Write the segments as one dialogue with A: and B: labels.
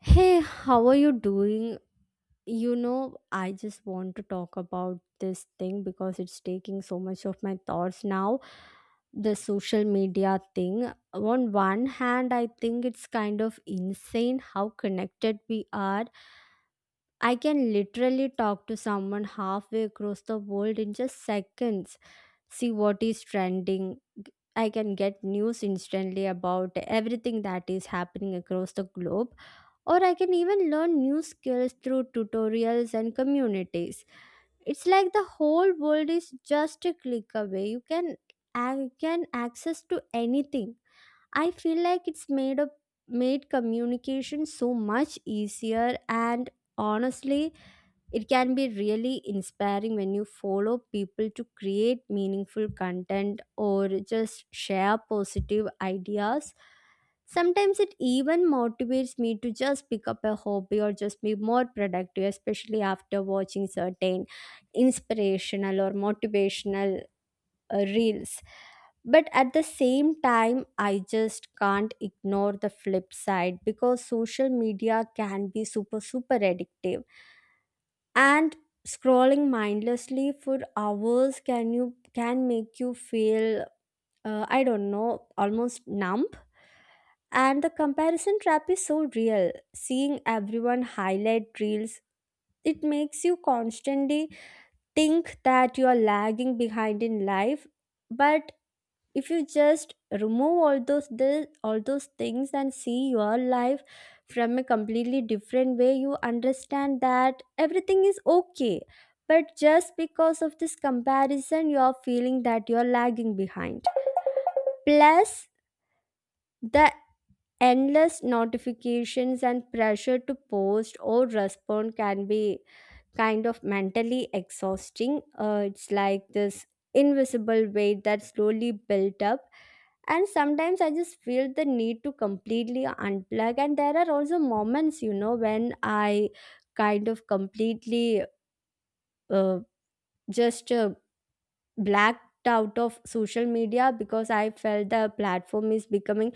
A: Hey, how are you doing? You know, I just want to talk about this thing because it's taking so much of my thoughts now. The social media thing. On one hand, I think it's kind of insane how connected we are. I can literally talk to someone halfway across the world in just seconds, see what is trending. I can get news instantly about everything that is happening across the globe, or I can even learn new skills through tutorials and communities. It's like the whole world is just a click away. You can I can access to anything. I feel like it's made up made communication so much easier, and honestly, it can be really inspiring when you follow people to create meaningful content or just share positive ideas. Sometimes it even motivates me to just pick up a hobby or just be more productive, especially after watching certain inspirational or motivational reels. But at the same time, I just can't ignore the flip side because social media can be super, super addictive, and scrolling mindlessly for hours can you can make you feel, I don't know, almost numb. And the comparison trap is so real. Seeing everyone highlight reels, it makes you constantly think that you are lagging behind in life. But if you just remove all those things and see your life from a completely different way, you understand that everything is okay, but just because of this comparison you're feeling that you're lagging behind. Plus, the endless notifications and pressure to post or respond can be kind of mentally exhausting. It's like this invisible weight that slowly built up. And sometimes I just feel the need to completely unplug. And there are also moments, you know, when I kind of completely uh, just blacked out of social media because I felt the platform is becoming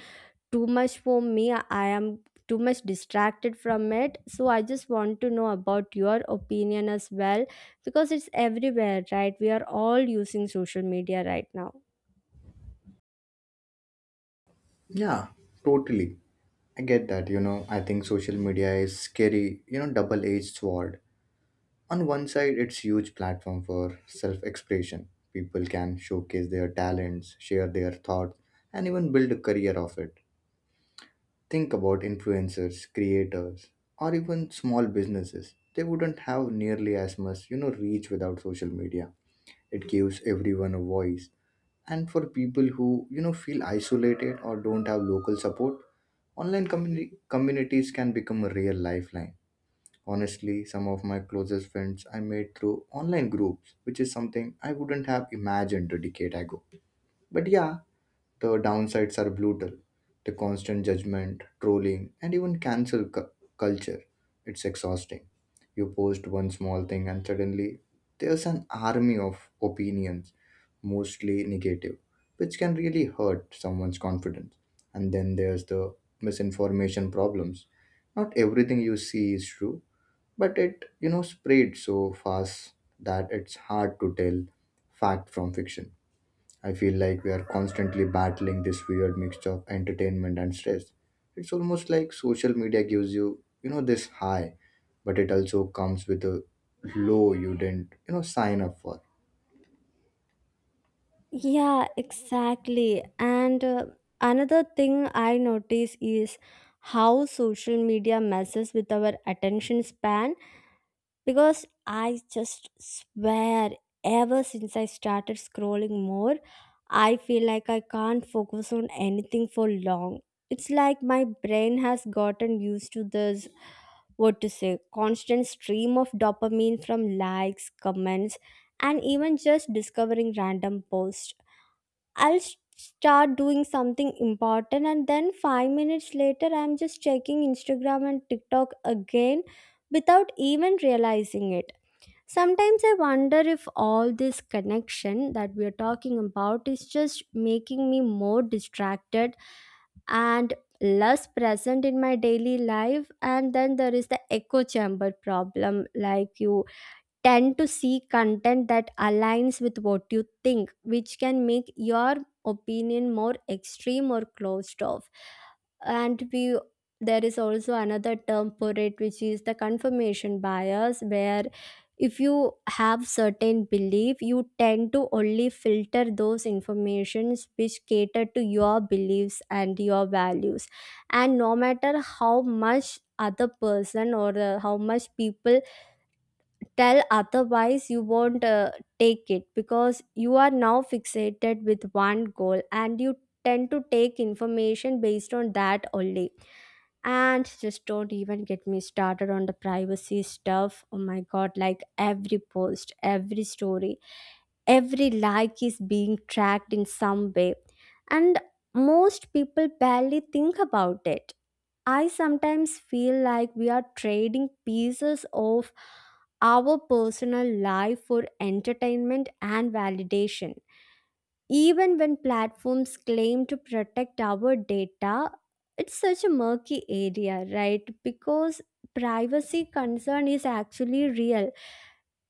A: too much for me. I am too much distracted from it. So I just want to know about your opinion as well, because it's everywhere, right? We are all using social media right now.
B: Yeah, totally. I get that. I think social media is scary, you know, double-edged sword. On one side, it's huge platform for self-expression. People can showcase their talents, share their thoughts, and even build a career of it. Think about influencers, creators, or even small businesses. They wouldn't have nearly as much, reach without social media. It gives everyone a voice and for people who feel isolated or don't have local support, communities can become a real lifeline. Honestly, some of my closest friends I made through online groups, which is something I wouldn't have imagined a decade ago. But yeah, the downsides are brutal. The constant judgment, trolling, and even culture. It's exhausting. You post one small thing, and suddenly there's an army of opinions, mostly negative, which can really hurt someone's confidence. And then there's the misinformation problems. Not everything you see is true, but it spread so fast that it's hard to tell fact from fiction. I feel like we are constantly battling this weird mixture of entertainment and stress. It's almost like social media gives you this high, but it also comes with a low you didn't sign up for.
A: Yeah, exactly. And another thing I notice is how social media messes with our attention span, because I just swear, ever since I started scrolling more, I feel like I can't focus on anything for long. It's like my brain has gotten used to this, what to say, constant stream of dopamine from likes, comments, and even just discovering random posts. I'll start doing something important, and then 5 minutes later I'm just checking Instagram and TikTok again without even realizing it. Sometimes I wonder if all this connection that we are talking about is just making me more distracted and less present in my daily life. And then there is the echo chamber problem, like, you tend to see content that aligns with what you think, which can make your opinion more extreme or closed off. And we There is also another term for it, which is the confirmation bias, where if you have certain belief, you tend to only filter those informations which cater to your beliefs and your values, and no matter how much other person, or how much people tell otherwise, you won't take it, because you are now fixated with one goal and you tend to take information based on that only. And just don't even get me started on the privacy stuff. Oh my god, like, every post, every story, every like is being tracked in some way, and most people barely think about it. I sometimes feel like we are trading pieces of our personal life for entertainment and validation. Even when platforms claim to protect our data, it's such a murky area, right? Because privacy concern is actually real.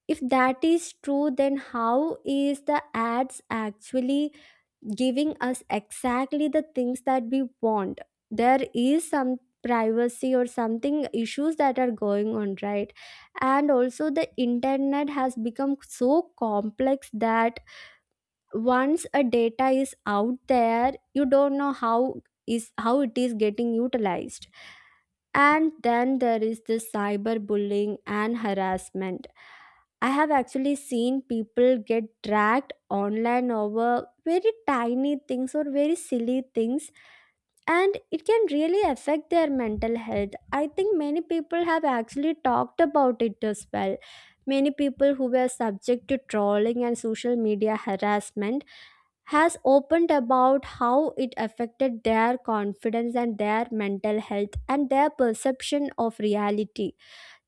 A: If that is true, then how is the ads actually giving us exactly the things that we want? There is some privacy or something issues that are going on, right? And also the internet has become so complex that once a data is out there, you don't know how it is getting utilized. And then there is the cyberbullying and harassment. I have actually seen people get dragged online over very tiny things or very silly things, and it can really affect their mental health. I think many people have actually talked about it as well. Many people who were subject to trolling and social media harassment has opened about how it affected their confidence and their mental health and their perception of reality.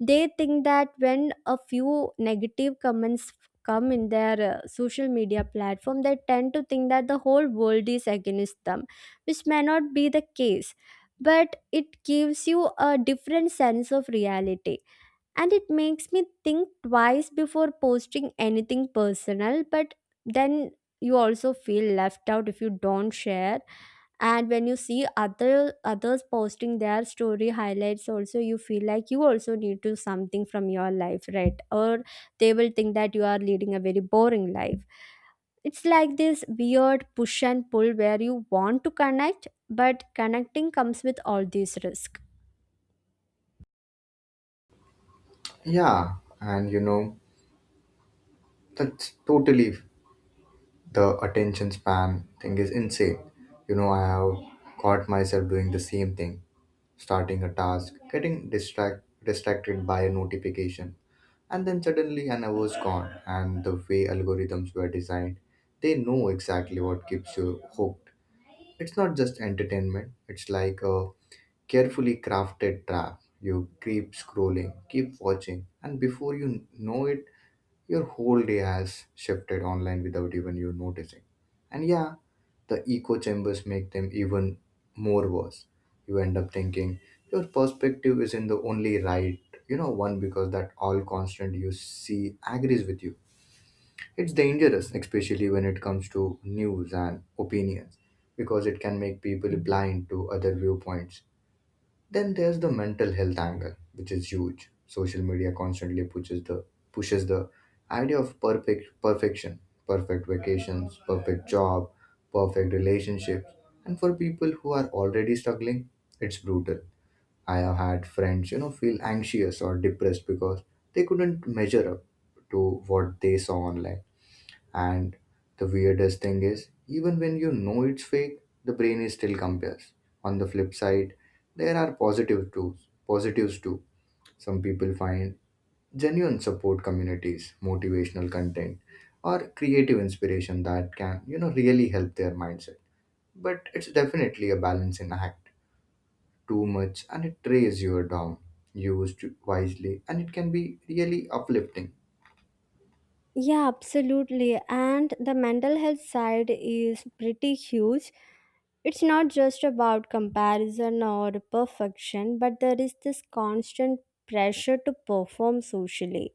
A: They think that when a few negative comments come in their social media platform, they tend to think that the whole world is against them, which may not be the case. But it gives you a different sense of reality, and it makes me think twice before posting anything personal. But then you also feel left out if you don't share, and when you see others posting their story highlights also, you feel like you also need to something from your life, right? Or they will think that you are leading a very boring life. It's like this weird push and pull where you want to connect, but connecting comes with all these risks.
B: Yeah, and you know, that's totally The attention span thing is insane. You know, I have caught myself doing the same thing starting a task, distracted by a notification, and then suddenly an hour's gone. And the way algorithms were designed, they know exactly what keeps you hooked. It's not just entertainment, it's like a carefully crafted trap. You keep scrolling, keep watching, and before you know it, your whole day has shifted online without even you noticing. And yeah, the echo chambers make them even more worse. You end up thinking your perspective isn't the only right one because that all constant you see agrees with you. It's dangerous, especially when it comes to news and opinions, because it can make people blind to other viewpoints. Then there's the mental health angle, which is huge. Social media constantly pushes the idea of perfection, perfect vacations, perfect job, perfect relationships. And for people who are already struggling, it's brutal. I have had friends, feel anxious or depressed because they couldn't measure up to what they saw online, and the weirdest thing is, even when you know it's fake, the brain is still compares. On the flip side, there are positive tools, positives too. Some people find genuine support communities, motivational content, or creative inspiration that can really help their mindset. But it's definitely a balancing act. Too much and it trays you down. Used wisely and it can be really uplifting.
A: Yeah, absolutely. And the mental health side is pretty huge. It's not just about comparison or perfection, but there is this constant pressure to perform socially.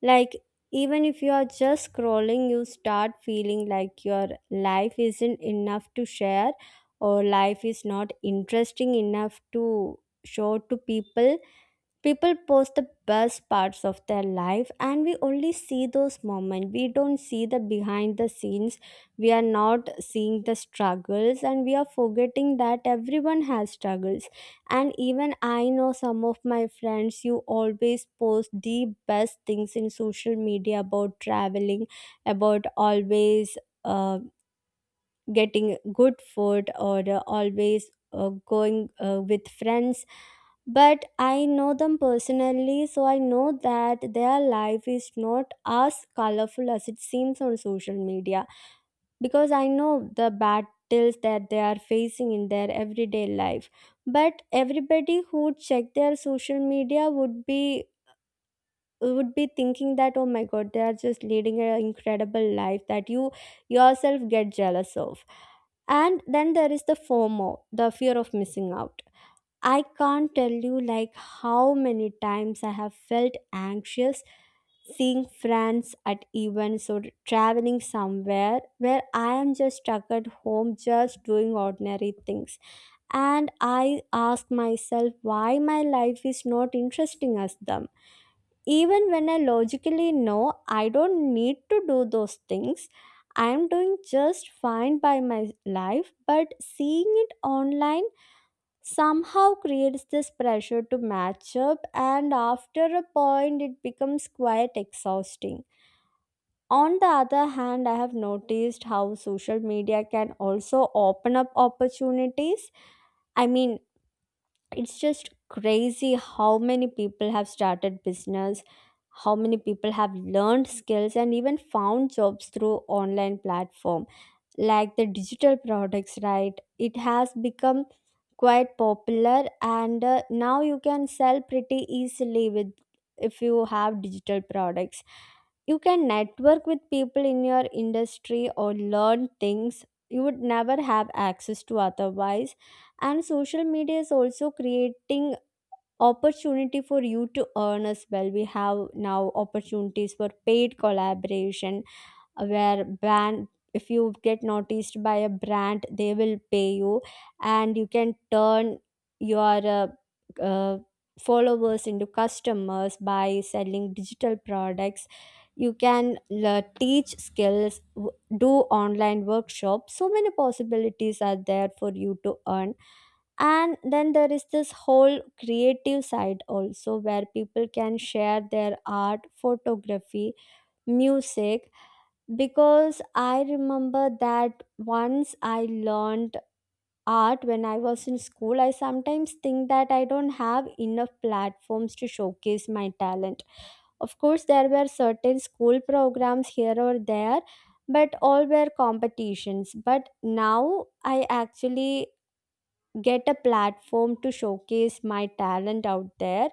A: Like, even if you are just scrolling, you start feeling like your life isn't enough to share, or life is not interesting enough to show to people. People post the best parts of their life, and we only see those moments. We don't see the behind the scenes. We are not seeing the struggles, and we are forgetting that everyone has struggles. And even I know some of my friends, you always post the best things in social media about traveling, about always, uh, getting good food, or always going, with friends. But I know them personally, so I know that their life is not as colorful as it seems on social media, because I know the battles that they are facing in their everyday life. But everybody who check their social media would be, we would be thinking that, oh my god, they are just leading an incredible life that you yourself get jealous of. And then there is the FOMO, the fear of missing out. I can't tell you, like, how many times I have felt anxious seeing friends at events or traveling somewhere where I am just stuck at home just doing ordinary things. And I ask myself why my life is not interesting as them. Even when I logically know I don't need to do those things, I'm doing just fine by my life, but seeing it online somehow creates this pressure to match up, and after a point, it becomes quite exhausting. On the other hand, I have noticed how social media can also open up opportunities. I mean, it's just crazy how many people have started business, how many people have learned skills and even found jobs through online platform, like the digital products, right? It has become quite popular, and now you can sell pretty easily with, if you have digital products, you can network with people in your industry or learn things you would never have access to otherwise. And social media is also creating opportunity for you to earn as well. We have now opportunities for paid collaboration, where brand, if you get noticed by a brand, they will pay you, and you can turn your uh, followers into customers by selling digital products. You can teach skills, do online workshops. So many possibilities are there for you to earn. And then there is this whole creative side also, where people can share their art, photography, music. Because I remember that once I learned art when I was in school, I sometimes think that I don't have enough platforms to showcase my talent. Of course, there were certain school programs here or there, but all were competitions. But now I actually get a platform to showcase my talent out there,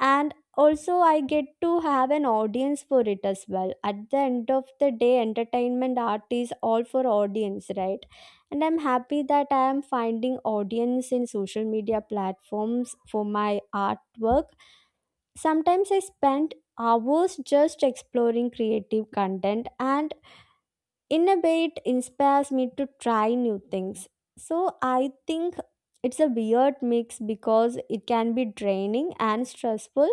A: and also I get to have an audience for it as well. At the end of the day, entertainment art is all for audience, right? And I'm happy that I am finding audience in social media platforms for my artwork. Sometimes I spend hours just exploring creative content, and in a way it inspires me to try new things. So I think it's a weird mix because it can be draining and stressful,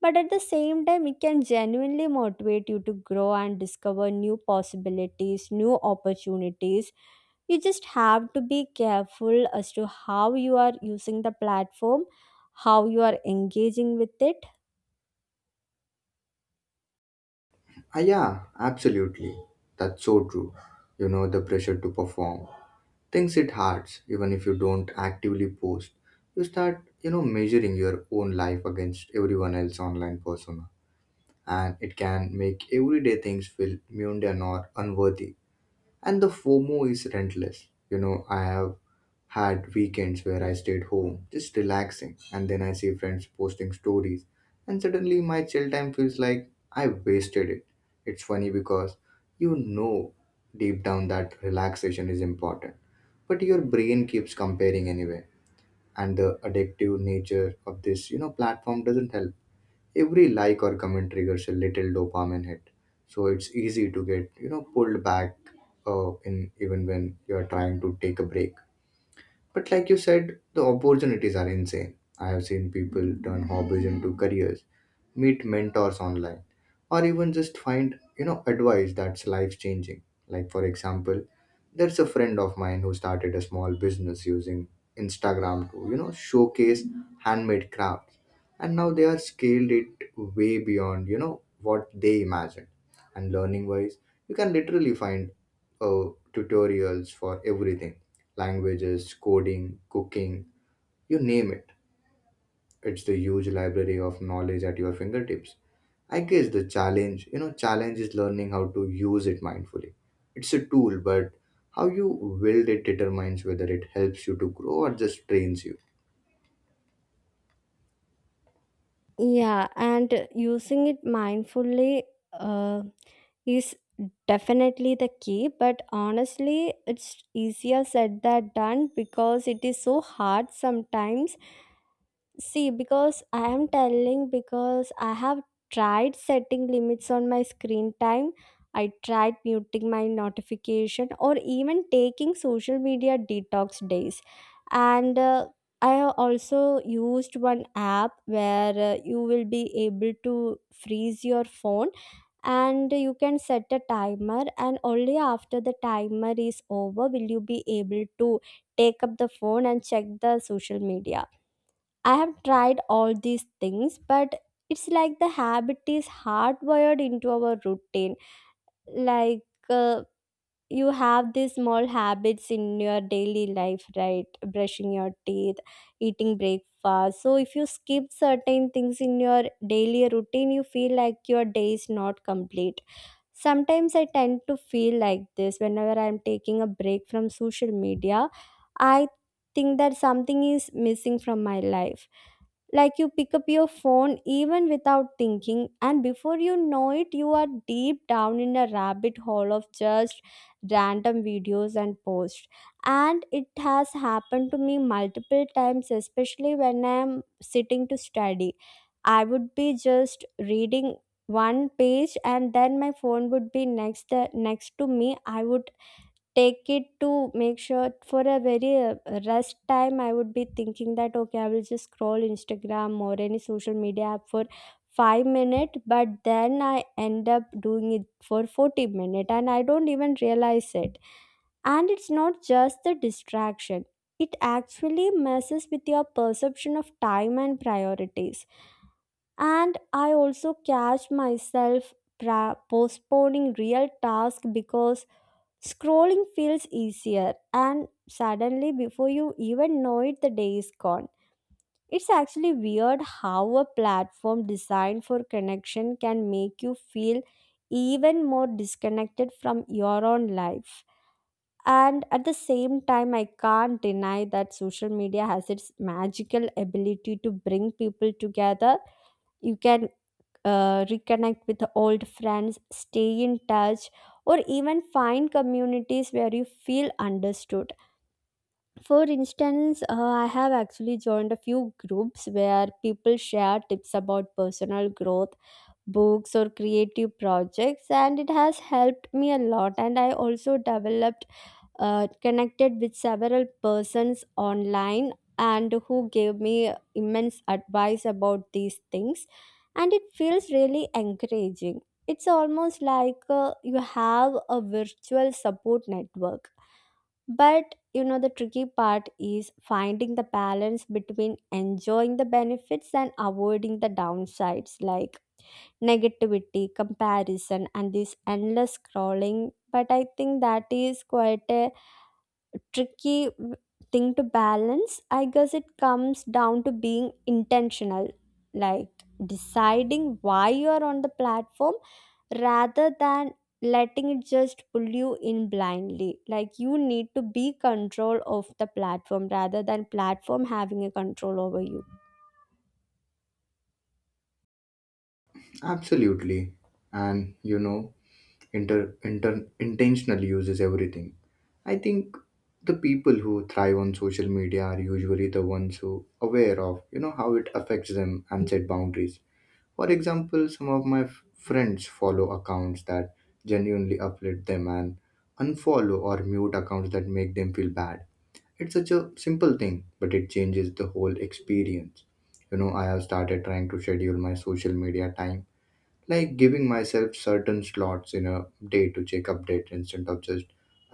A: but at the same time it can genuinely motivate you to grow and discover new possibilities, new opportunities. You just have to be careful as to how you are using the platform, how you are engaging with it.
B: Ah, yeah, absolutely. That's so true. You know, the pressure to perform. Things it hurts, even if you don't actively post. You start measuring your own life against everyone else's online persona. And it can make everyday things feel mundane or unworthy. And the FOMO is relentless. You know, I have had weekends where I stayed home, just relaxing, and then I see friends posting stories, and suddenly my chill time feels like I wasted it. It's funny because you know deep down that relaxation is important, but your brain keeps comparing anyway, and the addictive nature of this platform doesn't help. Every like or comment triggers a little dopamine hit, so it's easy to get pulled back in even when you're trying to take a break. But like you said, the opportunities are insane. I have seen people turn hobbies into careers, meet mentors online, or even just find advice that's life changing. Like for example, there's a friend of mine who started a small business using Instagram to showcase handmade crafts. And now they are scaled it way beyond what they imagined. And learning wise, you can literally find tutorials for everything, languages, coding, cooking, you name it. It's the huge library of knowledge at your fingertips. I guess the challenge is learning how to use it mindfully. It's a tool, but how you wield it determines whether it helps you to grow or just drains you.
A: Yeah, and using it mindfully uh, is definitely the key, but honestly it's easier said than done because it is so hard sometimes. See, because I am telling, because I have tried setting limits on my screen time. I tried muting my notification or even taking social media detox days. And I also used one app where you will be able to freeze your phone, and you can set a timer, and only after the timer is over will you be able to take up the phone and check the social media. I have tried all these things, but it's like the habit is hardwired into our routine. Like uh, you have these small habits in your daily life, right? Brushing your teeth, eating breakfast. So if you skip certain things in your daily routine, you feel like your day is not complete. Sometimes I tend to feel like this whenever I'm taking a break from social media. I think that something is missing from my life. Like you pick up your phone even without thinking, and before you know it you are deep down in a rabbit hole of just random videos and posts. And it has happened to me multiple times, especially when I am sitting to study. I would be just reading one page and then my phone would be next the next to me. I would take it to make sure for a very rest time. I would be thinking that okay, I will just scroll Instagram or any social media app for 5 minutes, but then I end up doing it for 40 minutes, and I don't even realize it. And it's not just the distraction, it actually messes with your perception of time and priorities. And I also catch myself postponing real task because scrolling feels easier, and suddenly, before you even know it, the day is gone. It's actually weird how a platform designed for connection can make you feel even more disconnected from your own life. And at the same time, I can't deny that social media has its magical ability to bring people together. You can reconnect with old friends, stay in touch, or even find communities where you feel understood. For instance, I have actually joined a few groups where people share tips about personal growth, books, or creative projects, and it has helped me a lot. And I also developed, connected with several persons online, and who gave me immense advice about these things, and it feels really encouraging. It's almost like you have a virtual support network. But you know, the tricky part is finding the balance between enjoying the benefits and avoiding the downsides like negativity, comparison and this endless scrolling. But I think that is quite a tricky thing to balance. I guess it comes down to being intentional, like deciding why you are on the platform rather than letting it just pull you in blindly. Like you need to be control of the platform rather than platform having a control over you.
B: Absolutely. And you know, intentional uses everything. I think the people who thrive on social media are usually the ones who aware of, you know, how it affects them and set boundaries. For example, some of my friends follow accounts that genuinely uplift them and unfollow or mute accounts that make them feel bad. It's such a simple thing, but it changes the whole experience. You know, I have started trying to schedule my social media time, like giving myself certain slots in a day to check updates instead of just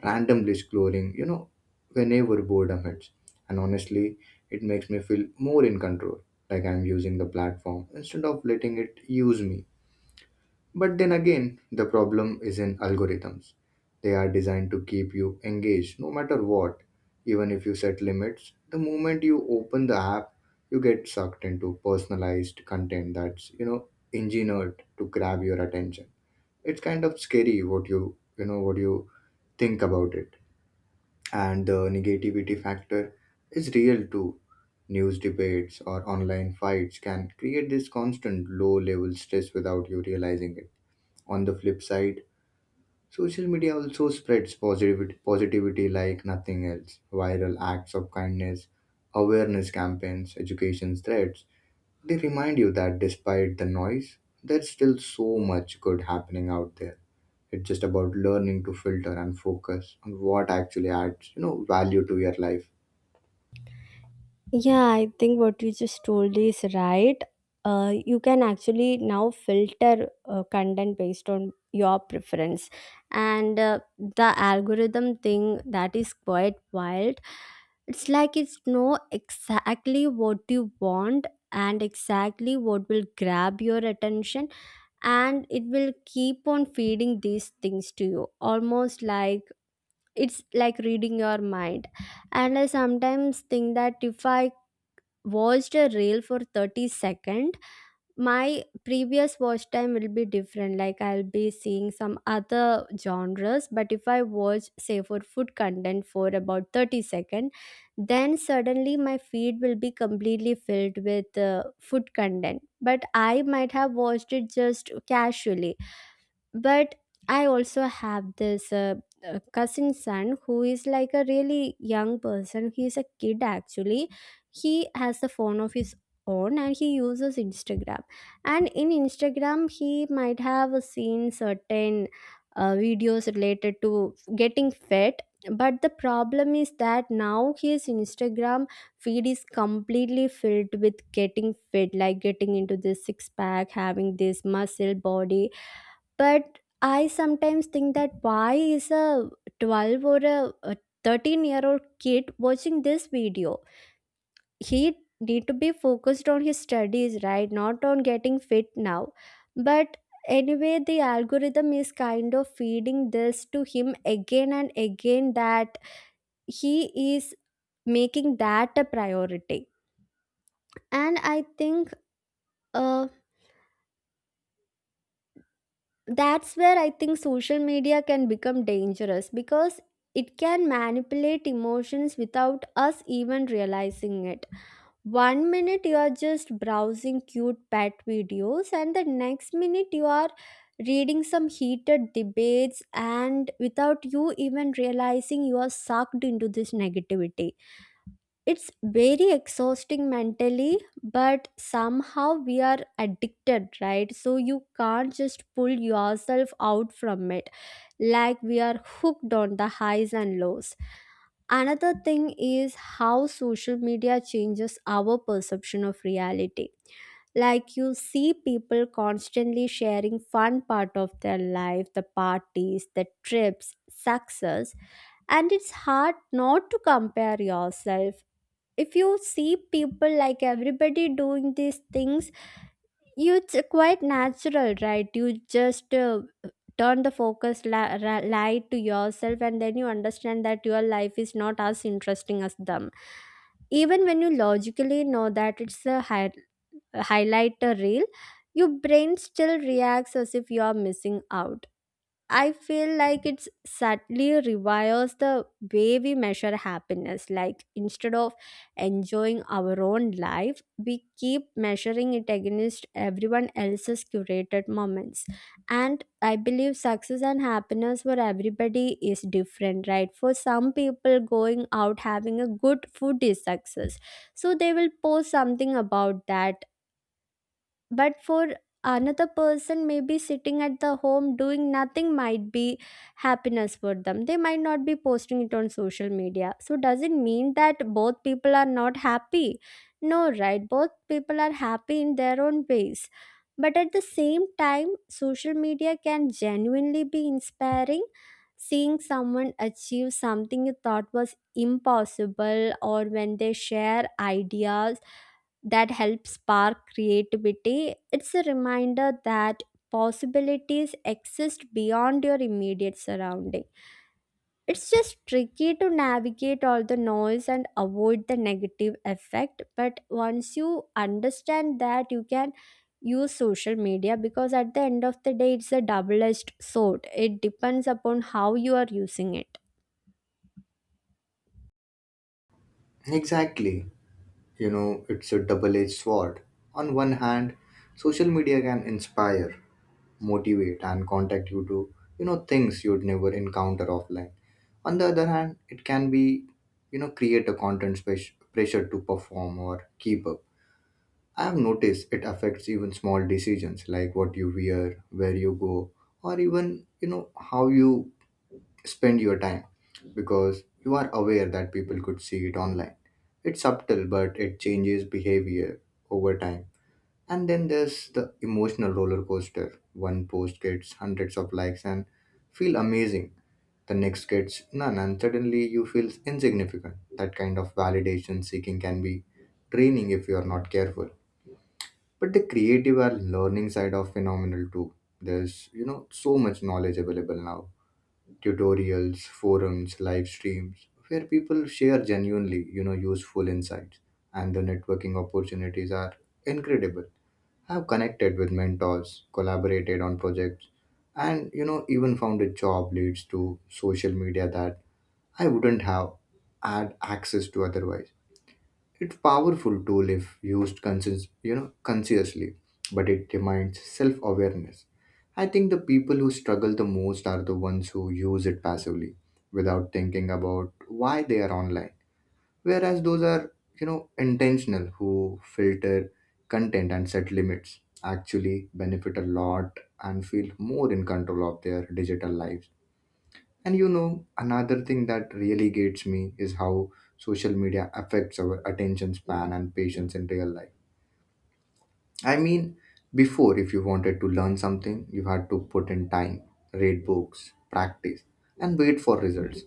B: randomly scrolling whenever boredom hits. And honestly, it makes me feel more in control, like I'm using the platform instead of letting it use me. But then again, the problem is in algorithms. They are designed to keep you engaged no matter what, even if you set limits. The moment you open the app, you get sucked into personalized content that's, engineered to grab your attention. It's kind of scary what what you think about it. And the negativity factor is real too. News debates or online fights can create this constant low level stress without you realizing it. On the flip side, social media also spreads positivity like nothing else. Viral acts of kindness, awareness campaigns, education threads, they remind you that despite the noise, there's still so much good happening out there. It's just about learning to filter and focus on what actually adds value to your life.
A: Yeah, I think what you just told is right. You can actually now filter content based on your preference, and the algorithm thing, that is quite wild. It's like it's know exactly what you want and exactly what will grab your attention, and it will keep on feeding these things to you, almost like it's like reading your mind. And I sometimes think that if I watched a reel for 30 second, my previous watch time will be different. Like I'll be seeing some other genres, but if I watch say for food content for about 30 second, then suddenly my feed will be completely filled with food content, but I might have watched it just casually. But I also have this cousin son who is like a really young person. He is a kid actually. He has the phone of his own and he uses Instagram. And in Instagram he might have seen certain videos related to getting fit, but the problem is that now his Instagram feed is completely filled with getting fit, like getting into this six pack, having this muscle body. But I sometimes think that why is a 12 or a 13-year-old kid watching this video? He need to be focused on his studies, right? Not on getting fit now. But anyway, the algorithm is kind of feeding this to him again and again, that he is making that a priority. And I think uh, that's where I think social media can become dangerous, because it can manipulate emotions without us even realizing it. One minute you are just browsing cute pet videos, and the next minute you are reading some heated debates, and without you even realizing, you are sucked into this negativity. It's very exhausting mentally, but somehow we are addicted, right? So you can't just pull yourself out from it. Like we are hooked on the highs and lows. Another thing is how social media changes our perception of reality. Like you see people constantly sharing fun part of their life, the parties, the trips, success, and it's hard not to compare yourself. If you see people like everybody doing these things, you, it's quite natural, right? You just turn the focus light to yourself, and then you understand that your life is not as interesting as them. Even when you logically know that it's a highlighter reel, your brain still reacts as if you are missing out. I feel like it's subtly rewires the way we measure happiness. Like instead of enjoying our own life, we keep measuring it against everyone else's curated moments. And I believe success and happiness for everybody is different, right? For some people, going out having a good food is success. So they will post something about that. But for another person, maybe sitting at the home doing nothing might be happiness for them. They might not be posting it on social media. So does it mean that both people are not happy? No, right? Both people are happy in their own ways. But at the same time, social media can genuinely be inspiring. Seeing someone achieve something you thought was impossible, or when they share ideas that helps spark creativity. It's a reminder that possibilities exist beyond your immediate surrounding. It's just tricky to navigate all the noise and avoid the negative effect, but once you understand that, you can use social media, because at the end of the day it's a double edged sword. It depends upon how you are using it.
B: Exactly. You know, it's a double edged sword. On one hand, social media can inspire, motivate and contact you to things you'd never encounter offline. On the other hand, it can be create a content space pressure to perform or keep up. I have noticed it affects even small decisions like what you wear, where you go, or even how you spend your time, because you are aware that people could see it online. It's subtle but it changes behavior over time. And then there's the emotional roller coaster. One post gets hundreds of likes and feel amazing. The next gets none, and suddenly you feel insignificant. That kind of validation seeking can be draining if you are not careful. But the creative and learning side of phenomenal too. There's so much knowledge available now. Tutorials, forums, live streams, where people share genuinely, useful insights. And the networking opportunities are incredible. I've connected with mentors, collaborated on projects, and even found a job leads to social media that I wouldn't have had access to otherwise. It's powerful tool if used consciously, but it demands self-awareness. I think the people who struggle the most are the ones who use it passively without thinking about why they are online, whereas those are intentional who filter content and set limits actually benefit a lot and feel more in control of their digital lives. And you know another thing that really gets me is how social media affects our attention span and patience in real life. I mean, before if you wanted to learn something you had to put in time, read books, practice, and wait for results.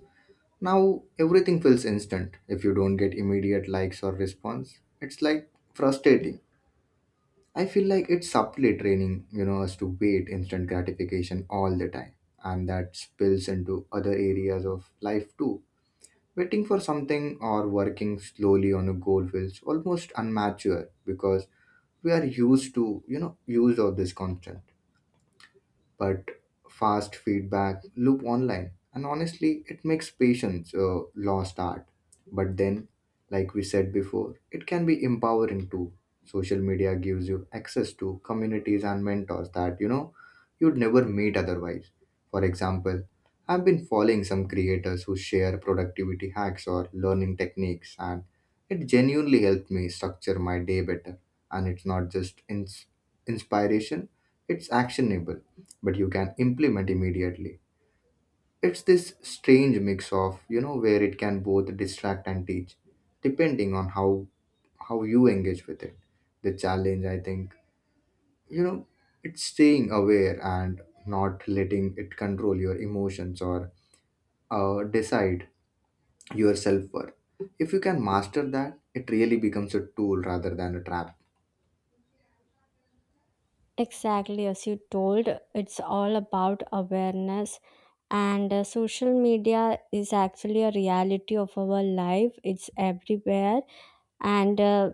B: Now everything feels instant. If you don't get immediate likes or response, it's like frustrating. I feel like it's subtly training us to wait instant gratification all the time. And that spills into other areas of life too. Waiting for something or working slowly on a goal feels almost unmature because we are used to used of this constant but fast feedback loop online. And honestly, it makes patience lost art. But then, like we said before, it can be empowering too. Social media gives you access to communities and mentors that you know you'd never meet otherwise. For example, I've been following some creators who share productivity hacks or learning techniques, and it genuinely helped me structure my day better. And it's not just inspiration, it's actionable but you can implement immediately. It's this strange mix of, where it can both distract and teach, depending on how you engage with it. The challenge, I think, you know, it's staying aware and not letting it control your emotions or decide your self worth. If you can master that, it really becomes a tool rather than a trap.
A: Exactly as you told, it's all about awareness, and social media is actually a reality of our life. It's everywhere, and uh,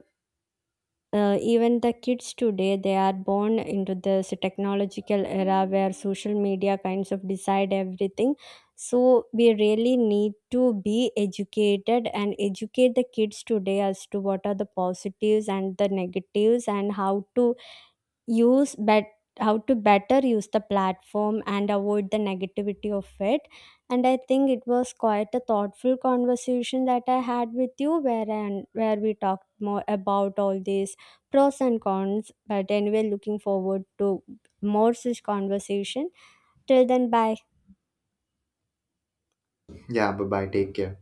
A: uh, even the kids today, they are born into this technological era where social media kinds of decide everything. So we really need to be educated and educate the kids today as to what are the positives and the negatives, and how to use bet how to better use the platform and avoid the negativity of it. And I think it was quite a thoughtful conversation that I had with you, where and where we talked more about all these pros and cons. But anyway, looking forward to more such conversation. Till then, bye.
B: Yeah, bye bye. Take care.